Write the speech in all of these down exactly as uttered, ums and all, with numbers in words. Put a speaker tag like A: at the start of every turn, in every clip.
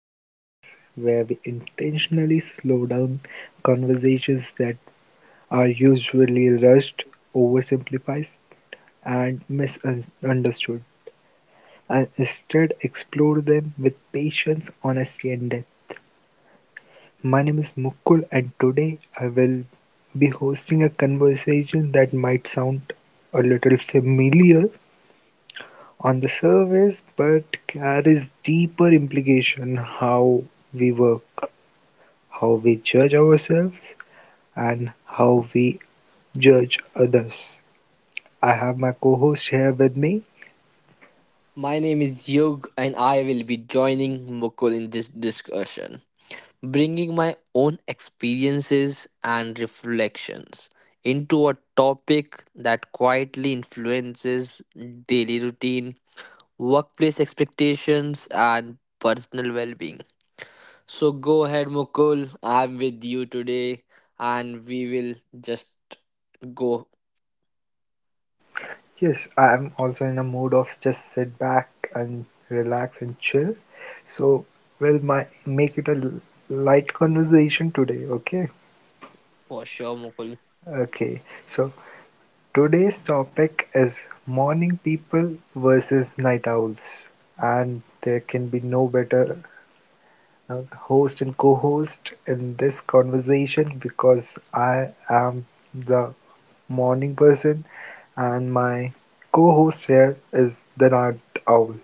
A: a space where we intentionally slow down conversations that are usually rushed, oversimplified, and misunderstood, and instead explore them with patience, honesty, and depth. My name is Mukul, and today I will be hosting a conversation that might sound a little familiar on the surface but carries deeper implication: how we work, how we judge ourselves, and how we judge others. I have my co host here with me.
B: My name is Yug, and I will be joining Mukul in this discussion, bringing my own experiences and reflections into a topic that quietly influences daily routine, workplace expectations, and personal well being. So, go ahead, Mukul. I'm with you today, and we will just go
A: Yes, I am also in a mood of just sit back and relax and chill. So, we'll my, make it a l- light conversation today, okay?
B: for sure, Mukul.
A: Okay, so today's topic is morning people versus night owls, and there can be no better uh, host and co-host in this conversation because I am the morning person and my co-host here is the night owl.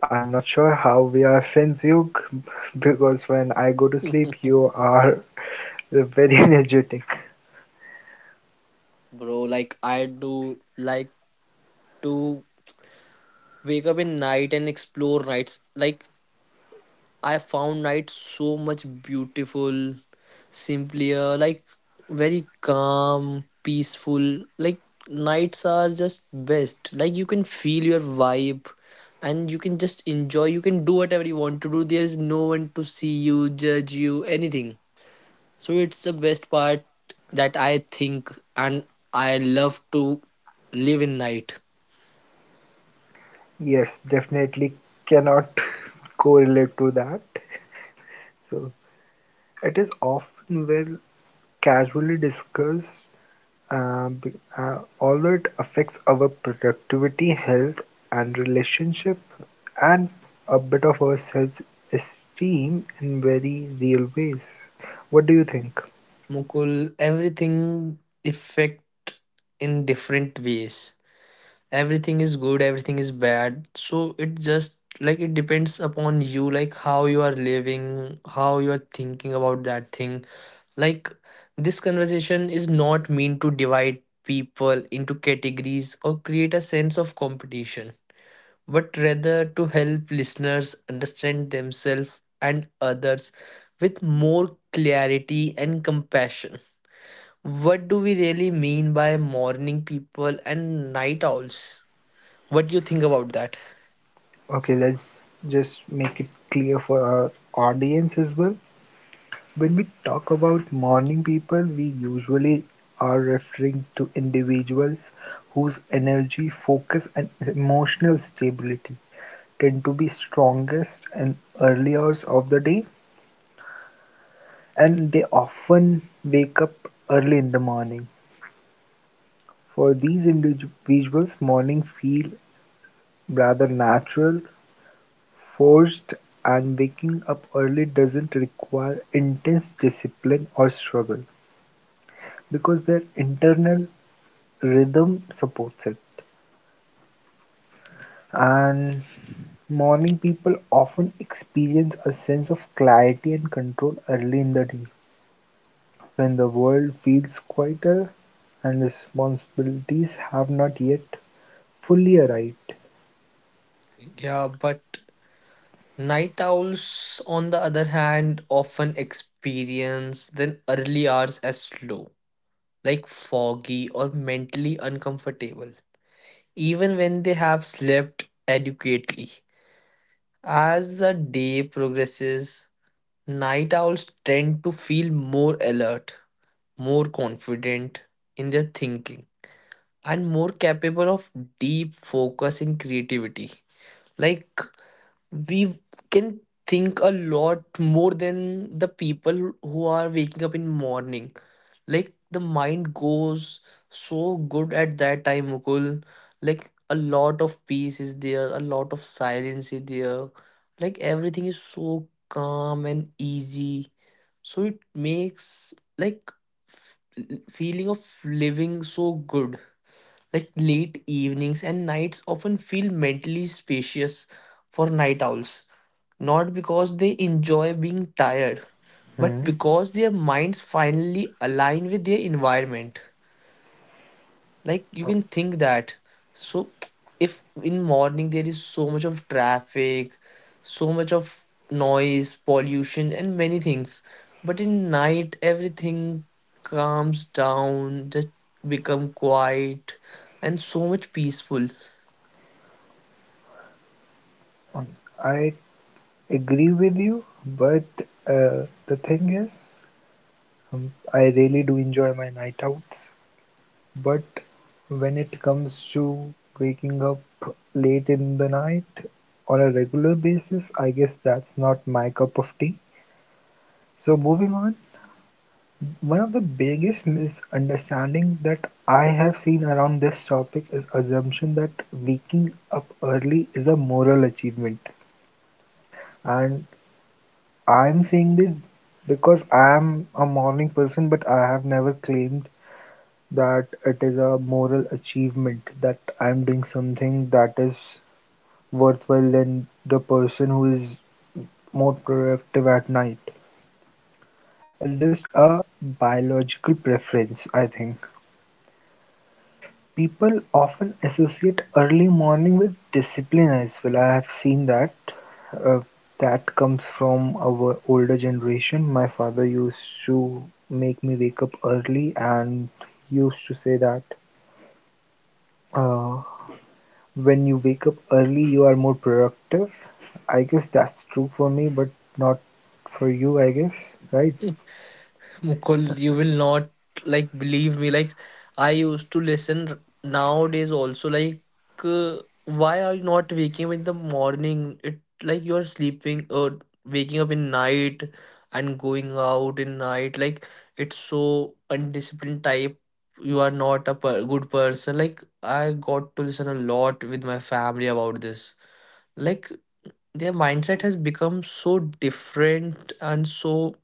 A: I'm not sure how we are friends, Yug, because when I go to sleep, you are very energetic.
B: Bro, like, I do like to wake up in night and explore nights, like I found night so much beautiful, simpler, like very calm, peaceful. Like nights are just best, like you can feel your vibe and you can just enjoy, you can do whatever you want to do, there is no one to see you, judge you, anything. So it's the best part that I think, and I love to live in night.
A: Yes, definitely cannot correlate to that. So it is often well casually discussed, uh, be- uh, although it affects our productivity, health, and relationship, and a bit of our self-esteem in very real ways. What do you think?
B: Mukul, everything affect in different ways. Everything is good, everything is bad. So it just like it depends upon you, like how you are living, how you are thinking about that thing. Like, this conversation is not meant to divide people into categories or create a sense of competition, but rather to help listeners understand themselves and others with more clarity and compassion. What do we really mean by morning people and night owls? What do you think about that?
A: Okay, let's just make it clear for our audience as well. When we talk about morning people, we usually are referring to individuals whose energy, focus, and emotional stability tend to be strongest in early hours of the day, and they often wake up early in the morning. For these individuals, morning feel rather natural, forced, and waking up early doesn't require intense discipline or struggle because their internal rhythm supports it. And morning people often experience a sense of clarity and control early in the day when the world feels quieter and responsibilities have not yet fully arrived.
B: Yeah, but night owls, on the other hand, often experience then early hours as slow, like foggy or mentally uncomfortable, even when they have slept adequately. As the day progresses, night owls tend to feel more alert, more confident in their thinking and more capable of deep focus in creativity. Like we can think a lot more than the people who are waking up in morning. Like the mind goes so good at that time, Mukul. Like a lot of peace is there, a lot of silence is there. Like everything is so calm and easy. So it makes like f- feeling of living so good, like late evenings and nights often feel mentally spacious for night owls, not because they enjoy being tired, but
A: Hmm.
B: because their minds finally align with their environment. Like you can think that. So if in morning there is so much of traffic, so much of noise, pollution and many things, but in night everything calms down, just become quiet and so much peaceful.
A: I agree with you, but uh, the thing is, um, I really do enjoy my night outs. But when it comes to waking up late in the night on a regular basis, I guess that's not my cup of tea. So moving on, one of the biggest misunderstanding that I have seen around this topic is assumption that waking up early is a moral achievement. And I'm saying this because I am a morning person, but I have never claimed that it is a moral achievement, that I'm doing something that is worthwhile than the person who is more productive at night. It's just a biological preference, I think. People often associate early morning with discipline as well. I have seen that. Uh, that comes from our older generation. My father used to make me wake up early and used to say that uh, when you wake up early, you are more productive. I guess that's true for me, but not for you, I guess, right?
B: Mukul, you will not like believe me. Like, I used to listen r- nowadays also, like uh, why are you not waking up in the morning? It like you're sleeping or waking up in night and going out in night. Like it's so undisciplined type. You are not a per good person. Like I got to listen a lot with my family about this. Like their mindset has become so different, and so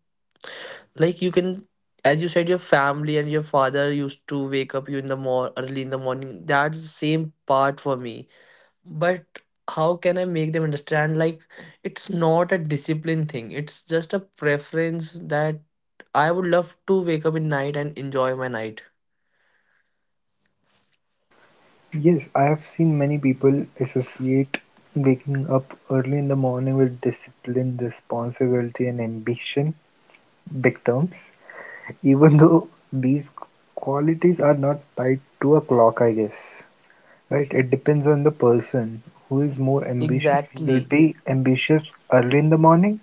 B: like you can, as you said, your family and your father used to wake up you in the more early in the morning, that's the same part for me. But how can I make them understand, like it's not a discipline thing, it's just a preference that I would love to wake up in night and enjoy my night.
A: Yes, I have seen many people associate waking up early in the morning with discipline, responsibility, and ambition, big terms, even though these qualities are not tied to a clock, I guess, right? It depends on the person who is more ambitious. He will
B: Exactly,
A: be ambitious early in the morning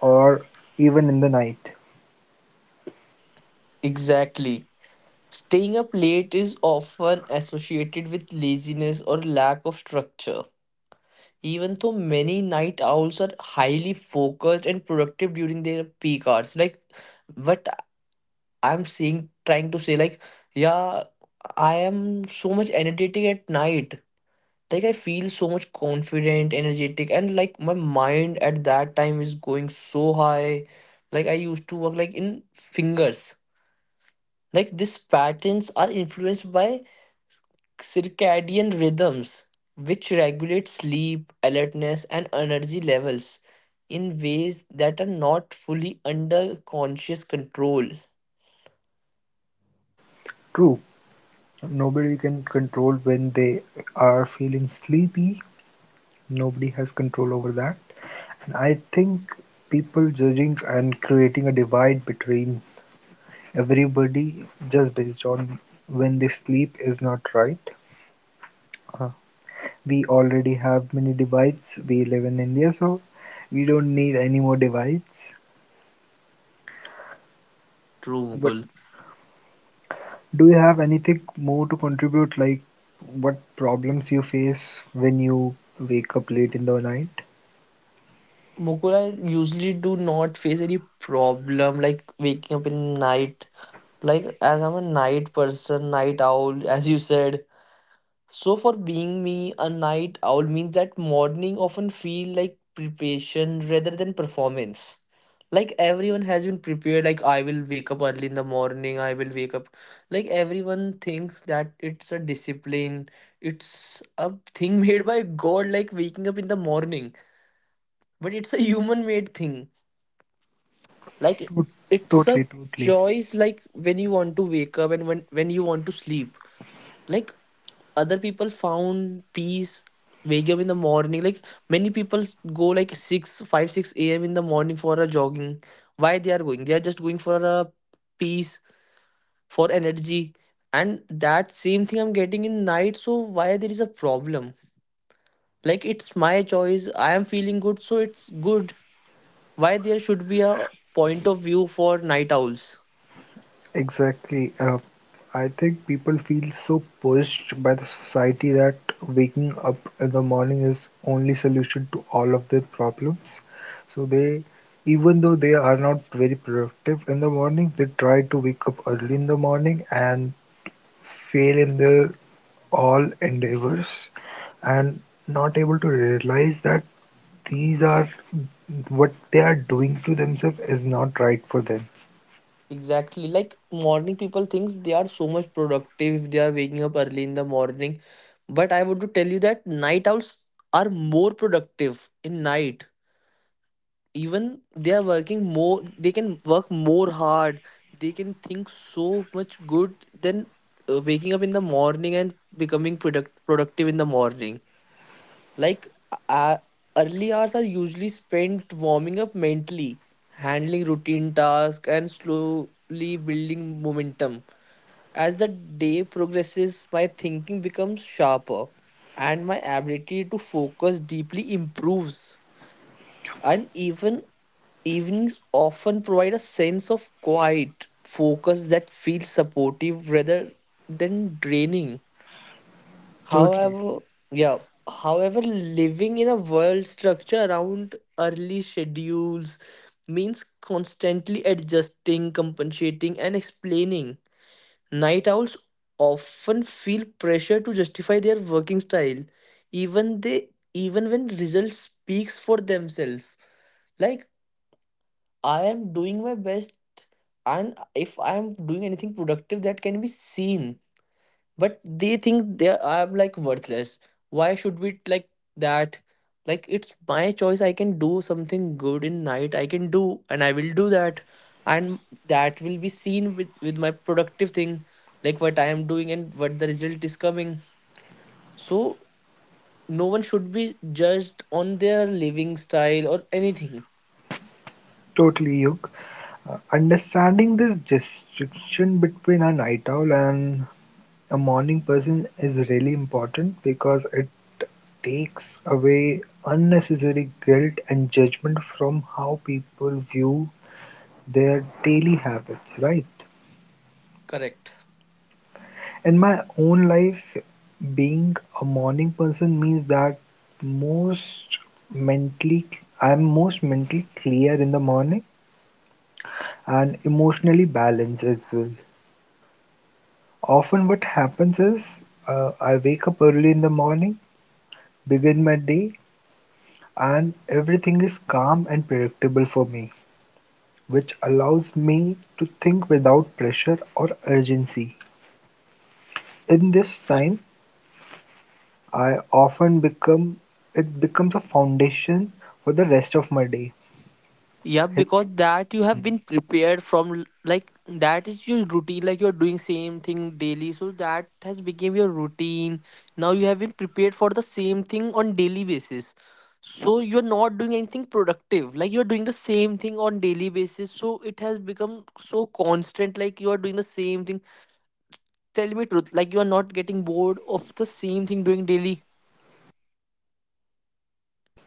A: or even in the night.
B: exactly. Staying up late is often associated with laziness or lack of structure. Even though many night owls are highly focused and productive during their peak hours, like what I'm saying, trying to say, like, yeah, I am so much energetic at night. Like, I feel so much confident, energetic, and like my mind at that time is going so high. Like, I used to work like in fingers. Like, these patterns are influenced by circadian rhythms, which regulate sleep, alertness, and energy levels in ways that are not fully under conscious control.
A: True, nobody can control when they are feeling sleepy. Nobody has control over that. And I think people judging and creating a divide between everybody just based on when they sleep is not right. Uh, we already have many divides. We live in India, so we don't need any more divides.
B: True,
A: But
B: Mukul.
A: do you have anything more to contribute, like what problems you face when you wake up late in the night?
B: Mukul, I usually do not face any problem like waking up in night. Like as I'm a night person, night owl, as you said, so for being me, a night owl means that morning often feel like preparation rather than performance. Like everyone has been prepared, like I will wake up early in the morning, I will wake up. Like everyone thinks that it's a discipline, it's a thing made by God, like waking up in the morning. But it's a human made thing. Like
A: To-
B: it's a
A: Totally, totally.
B: choice, like when you want to wake up and when, when you want to sleep. Like other people found peace wake up in the morning, like many people go like six, five, six a m in the morning for a jogging. Why they are going? They are just going for a peace, for energy, and that same thing I'm getting in night, so why there is a problem? Like it's my choice, I am feeling good, so it's good. Why there should be a point of view for night owls?
A: Exactly. Uh, I think people feel so pushed by the society that waking up in the morning is only solution to all of their problems. So they, even though they are not very productive in the morning, they try to wake up early in the morning and fail in their all endeavors and not able to realize that these are what they are doing to themselves is not right for them.
B: Exactly. Like morning people thinks they are so much productive if they are waking up early in the morning. But I want to tell you that night owls are more productive in night. Even they are working more, they can work more hard. They can think so much good than uh, waking up in the morning and becoming product productive in the morning. Like uh, early hours are usually spent warming up mentally, handling routine tasks, and slowly building momentum. As the day progresses, my thinking becomes sharper and my ability to focus deeply improves. And even evenings often provide a sense of quiet focus that feels supportive rather than draining.
A: Totally,
B: However, yeah, however, living in a world structure around early schedules means constantly adjusting, compensating, and explaining. Night owls often feel pressure to justify their working style, even they even when results speaks for themselves. Like I am doing my best, and if I am doing anything productive that can be seen, but they think they I'm like worthless. Why should we like that? Like it's my choice, I can do something good in night, I can do and I will do that, and that will be seen with with my productive thing, like what I am doing and what the result is coming. So no one should be judged on their living style or anything.
A: totally, Yug. Uh, understanding this distinction between a night owl and a morning person is really important because it takes away unnecessary guilt and judgment from how people view their daily habits, right?
B: Correct.
A: In my own life, being a morning person means that most mentally, I'm most mentally clear in the morning and emotionally balanced as well. Often, what happens is uh, I wake up early in the morning, begin my day, and everything is calm and predictable for me, which allows me to think without pressure or urgency. In this time, I often become it becomes a foundation for the rest of my day.
B: Yeah, because that you have been prepared from l- like that is your routine, like you're doing same thing daily. So that has become your routine. Now you have been prepared for the same thing on daily basis. So you're not doing anything productive. Like you're doing the same thing on daily basis. So it has become so constant, like you are doing the same thing. Tell me truth, like you are not getting bored of the same thing doing daily.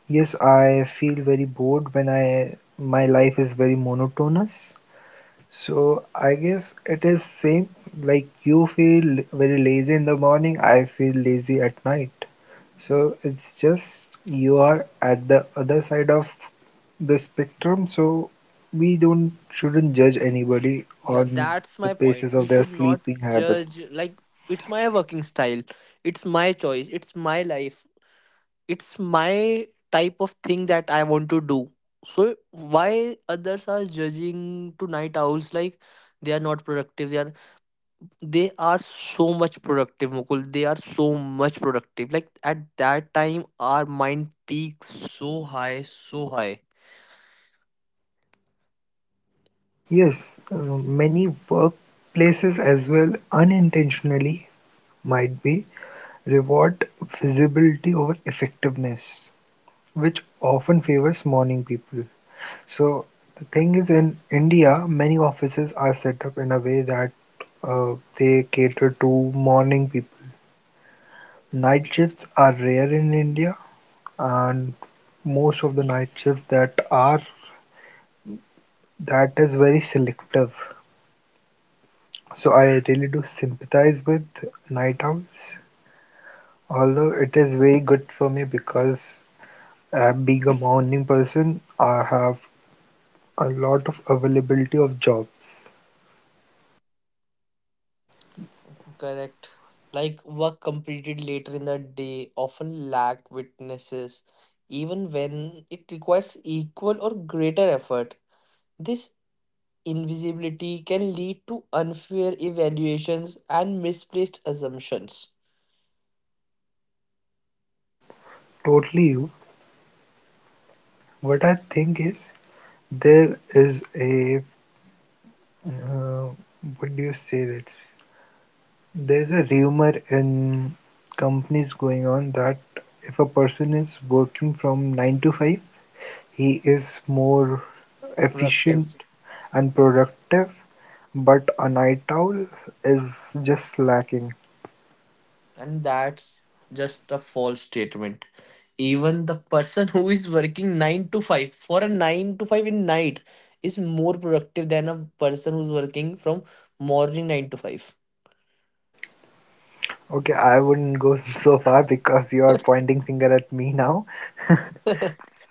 A: Yes, I feel very bored when I my life is very monotonous. So I guess it is same, like you feel very lazy in the morning, I feel lazy at night. So it's just you are at the other side of the spectrum, so we don't shouldn't judge anybody
B: Yeah,
A: on
B: that's
A: the
B: my
A: basis
B: point. We
A: of their
B: should not
A: sleeping habits.
B: judge, like, it's my working style, it's my choice, it's my life, it's my type of thing that I want to do. So, why others are judging to night owls like they are not productive? They are, they are so much productive, Mukul. They are so much productive. Like, at that time, our mind peaks so high, so high.
A: Yes, uh, many workplaces as well unintentionally might be reward visibility over effectiveness, which often favors morning people. So the thing is, in India, many offices are set up in a way that uh, they cater to morning people. Night shifts are rare in India, and most of the night shifts that are that is very selective. So I really do sympathize with night owls, although it is very good for me because uh, being a morning person, I have a lot of availability of jobs.
B: Correct. Like work completed later in the day often lack witnesses, even when it requires equal or greater effort. This invisibility can lead to unfair evaluations and misplaced assumptions.
A: Totally you. What I think is there is a uh, what do you say that there's a rumor in companies going on that if a person is working from nine to five, he is more
B: Productive.
A: efficient and productive, but a night owl is just lacking.
B: And that's just a false statement. Even the person who is working nine to five for a nine to five in night is more productive than a person who's working from morning nine to five.
A: Okay, I wouldn't go so far because you are pointing finger at me now.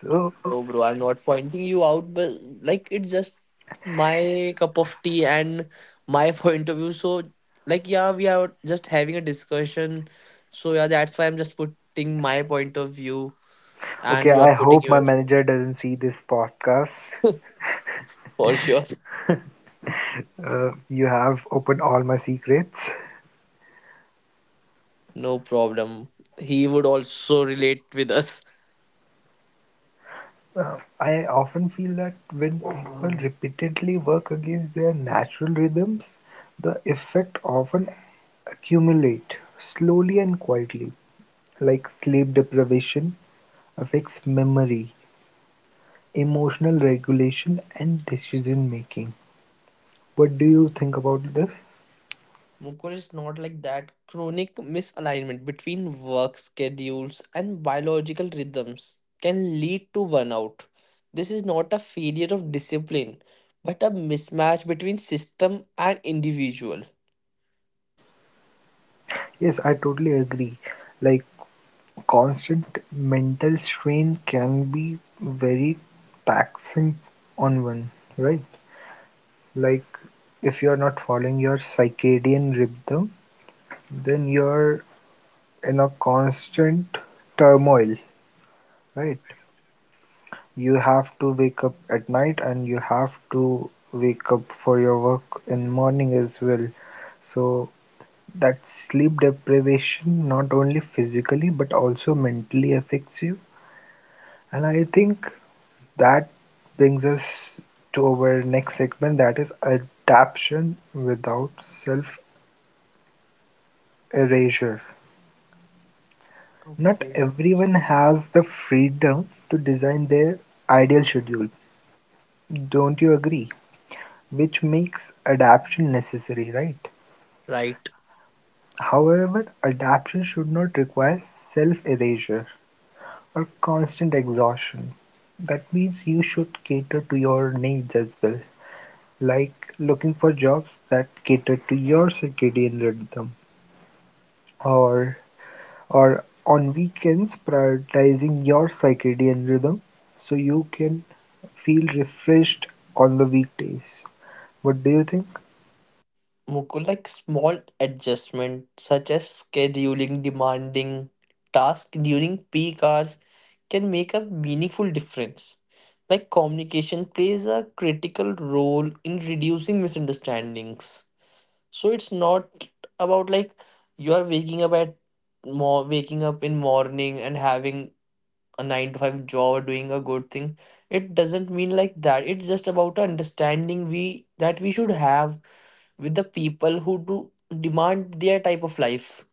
A: So
B: No, bro, I'm not pointing you out, but like it's just my cup of tea and my point of view. So, like, yeah, we are just having a discussion. So, yeah, that's why I'm just putting my point of view
A: Okay,
B: and you are
A: I
B: putting
A: hope my
B: yours.
A: manager doesn't see this podcast.
B: For sure.
A: Uh, you have opened all my secrets.
B: No problem. He would also relate with us.
A: Uh, I often feel that when people repeatedly work against their natural rhythms, the effect often accumulate slowly and quietly, like sleep deprivation affects memory, emotional regulation, and decision making. What do you think about this?
B: Mukul is not like that. Chronic misalignment between work schedules and biological rhythms can lead to burnout. This is not a failure of discipline, but a mismatch between system and individual.
A: Yes, I totally agree. Like, constant mental strain can be very taxing on one, right? Like if you're not following your circadian rhythm, then you're in a constant turmoil, right? You have to wake up at night and you have to wake up for your work in morning as well. So that sleep deprivation not only physically but also mentally affects you. And I think that brings us to our next segment, that is adaptation without self erasure. Not
B: Okay.
A: everyone has the freedom to design their ideal schedule, don't you agree? Which makes adaptation necessary, right?
B: Right.
A: However, adaptation should not require self erasure or constant exhaustion. That means you should cater to your needs as well, like looking for jobs that cater to your circadian rhythm, or or on weekends prioritizing your circadian rhythm so you can feel refreshed on the weekdays. What do you think?
B: Mukul, like small adjustment such as scheduling demanding tasks during peak hours can make a meaningful difference. Like communication plays a critical role in reducing misunderstandings. So it's not about like you are waking up at more waking up in morning and having a nine to five job or doing a good thing. It doesn't mean like that. It's just about a understanding we that we should have with the people who do demand their type of life.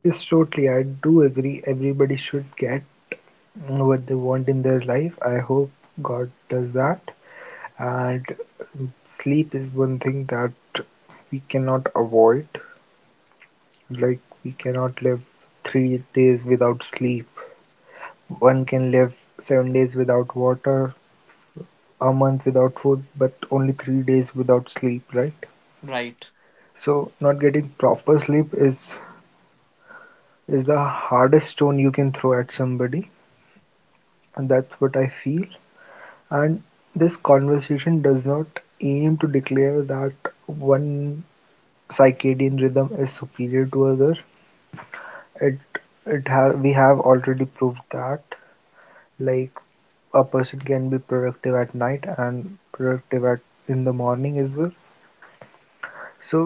A: Yes, totally. I do agree. Everybody should get what they want in their life. I hope God does that. And sleep is one thing that we cannot avoid. Like we cannot live three days without sleep, one can live seven days without water, a month without food, but only three days without sleep, right?
B: Right.
A: So not getting proper sleep is is the hardest stone you can throw at somebody, and that's what I feel. And this conversation does not aim to declare that one circadian rhythm is superior to other. It it ha- we have already proved that, like a person can be productive at night and productive at in the morning as well. So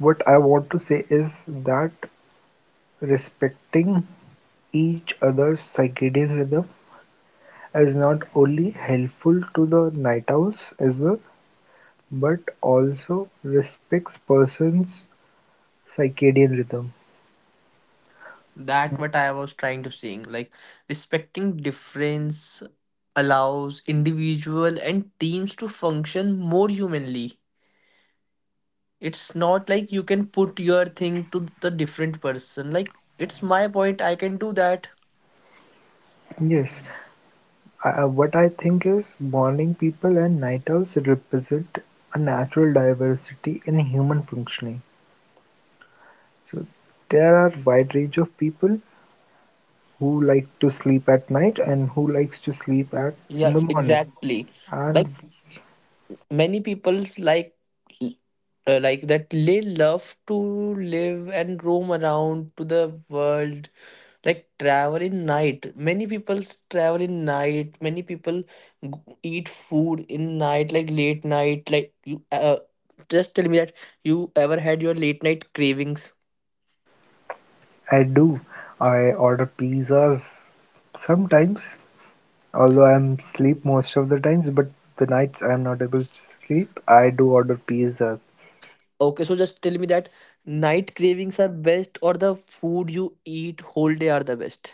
A: what I want to say is that respecting each other's circadian rhythm is not only helpful to the night owls as well but also respects person's circadian rhythm.
B: That what I was trying to saying. Like respecting difference allows individual and teams to function more humanly. It's not like you can put your thing to the different person. Like it's my point, I can do that.
A: Yes, I, what i think is morning people and night owls represent a natural diversity in human functioning. So there are wide range of people who like to sleep at night and who likes to sleep at in
B: Yeah,
A: the morning.
B: exactly. Like
A: And
B: many people's like uh, like that they love to live and roam around to the world, like travel in night, many people s- travel in night, many people g- eat food in night, like late night. Like you uh, just tell me that you ever had your late night cravings.
A: I do. I order pizzas sometimes, although I'm sleep most of the times, but the nights I'm not able to sleep, I do order pizzas.
B: Okay, so just tell me that night cravings are best or the food you eat whole day are the best.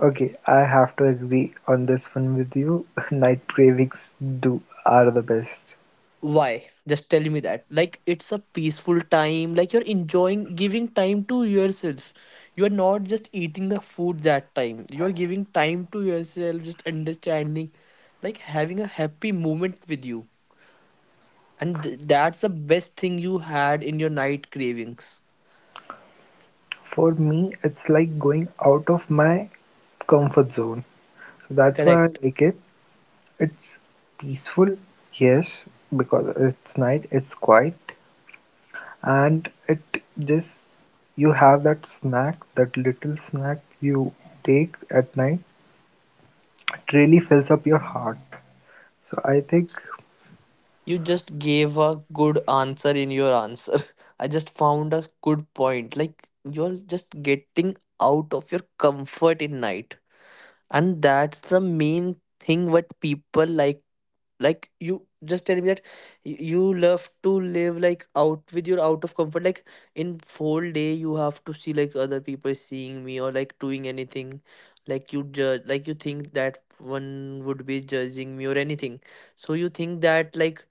A: Okay, I have to agree on this one with you. Night cravings do are the best.
B: Why? Just tell me that. Like it's a peaceful time, like you're enjoying giving time to yourself. You're not just eating the food that time. You're giving time to yourself, just understanding, like having a happy moment with you. And th- that's the best thing you had in your night cravings.
A: For me, it's like going out of my comfort zone. So that's why I
B: Correct.
A: like it. It's peaceful, yes, because it's night, it's quiet, and it just you have that snack, that little snack you take at night. It really fills up your heart. So I think
B: You just gave a good answer in your answer. I just found a good point. Like you're just getting out of your comfort in night, and that's the main thing what people like. Like, you just tell me that y- you love to live like out with your out of comfort, like in whole day you have to see like other people seeing me or like doing anything. Like you judge, like you think that one would be judging me or anything, so you think that like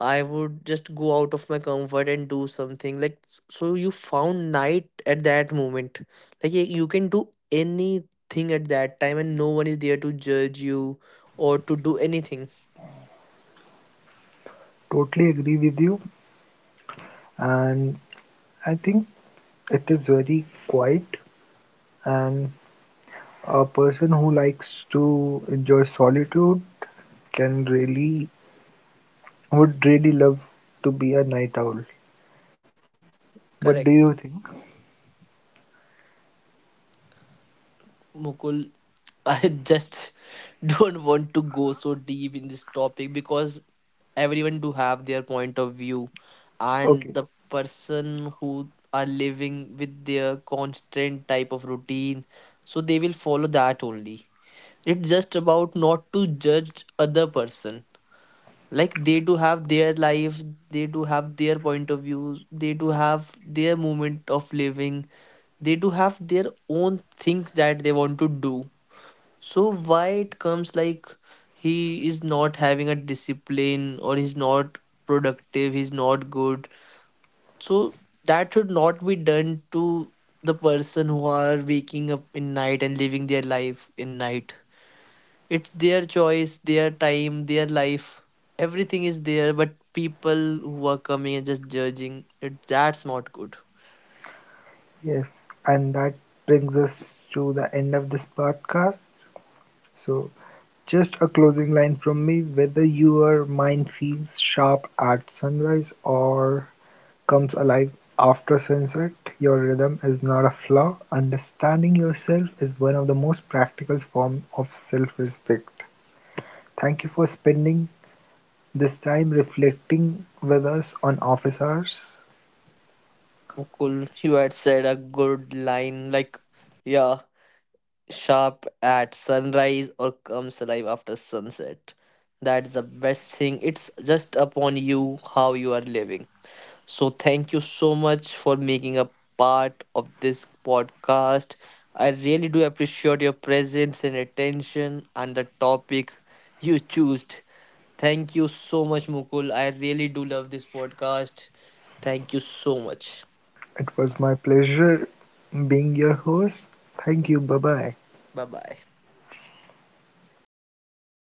B: I would just go out of my comfort and do something, like so you found night at that moment. Like y- you can do anything at that time and no one is there to judge you or to do anything.
A: totally agree with you, and I think it is very quiet, and a person who likes to enjoy solitude can really would really love to be a night owl. What do you
B: Correct,
A: think?
B: Mukul. I just don't want to go so deep in this topic because everyone do have their point of view, and
A: Okay.
B: the person who are living with their constant type of routine, so they will follow that only. It's just about not to judge other person. Like they do have their life, they do have their point of views, they do have their moment of living, they do have their own things that they want to do. So why it comes like he is not having a discipline or he's not productive, he's not good? So that should not be done to the person who are waking up in night and living their life in night. It's their choice, their time, their life. Everything is there, but people who are coming and just judging it, that's not good.
A: Yes, and that brings us to the end of this podcast. So, just a closing line from me: whether your mind feels sharp at sunrise or comes alive after sunset, your rhythm is not a flaw. Understanding yourself is one of the most practical forms of self respect. Thank you for spending this time reflecting with us on Office Hours.
B: Mukul, you had said a good line like, yeah, sharp at sunrise or comes alive after sunset. That's the best thing. It's just upon you how you are living. So thank you so much for making a part of this podcast. I really do appreciate your presence and attention and the topic you choose. Thank you so much, Mukul. I really do love this podcast. Thank you so much.
A: It was my pleasure being your host. Thank you. Bye-bye.
B: Bye bye.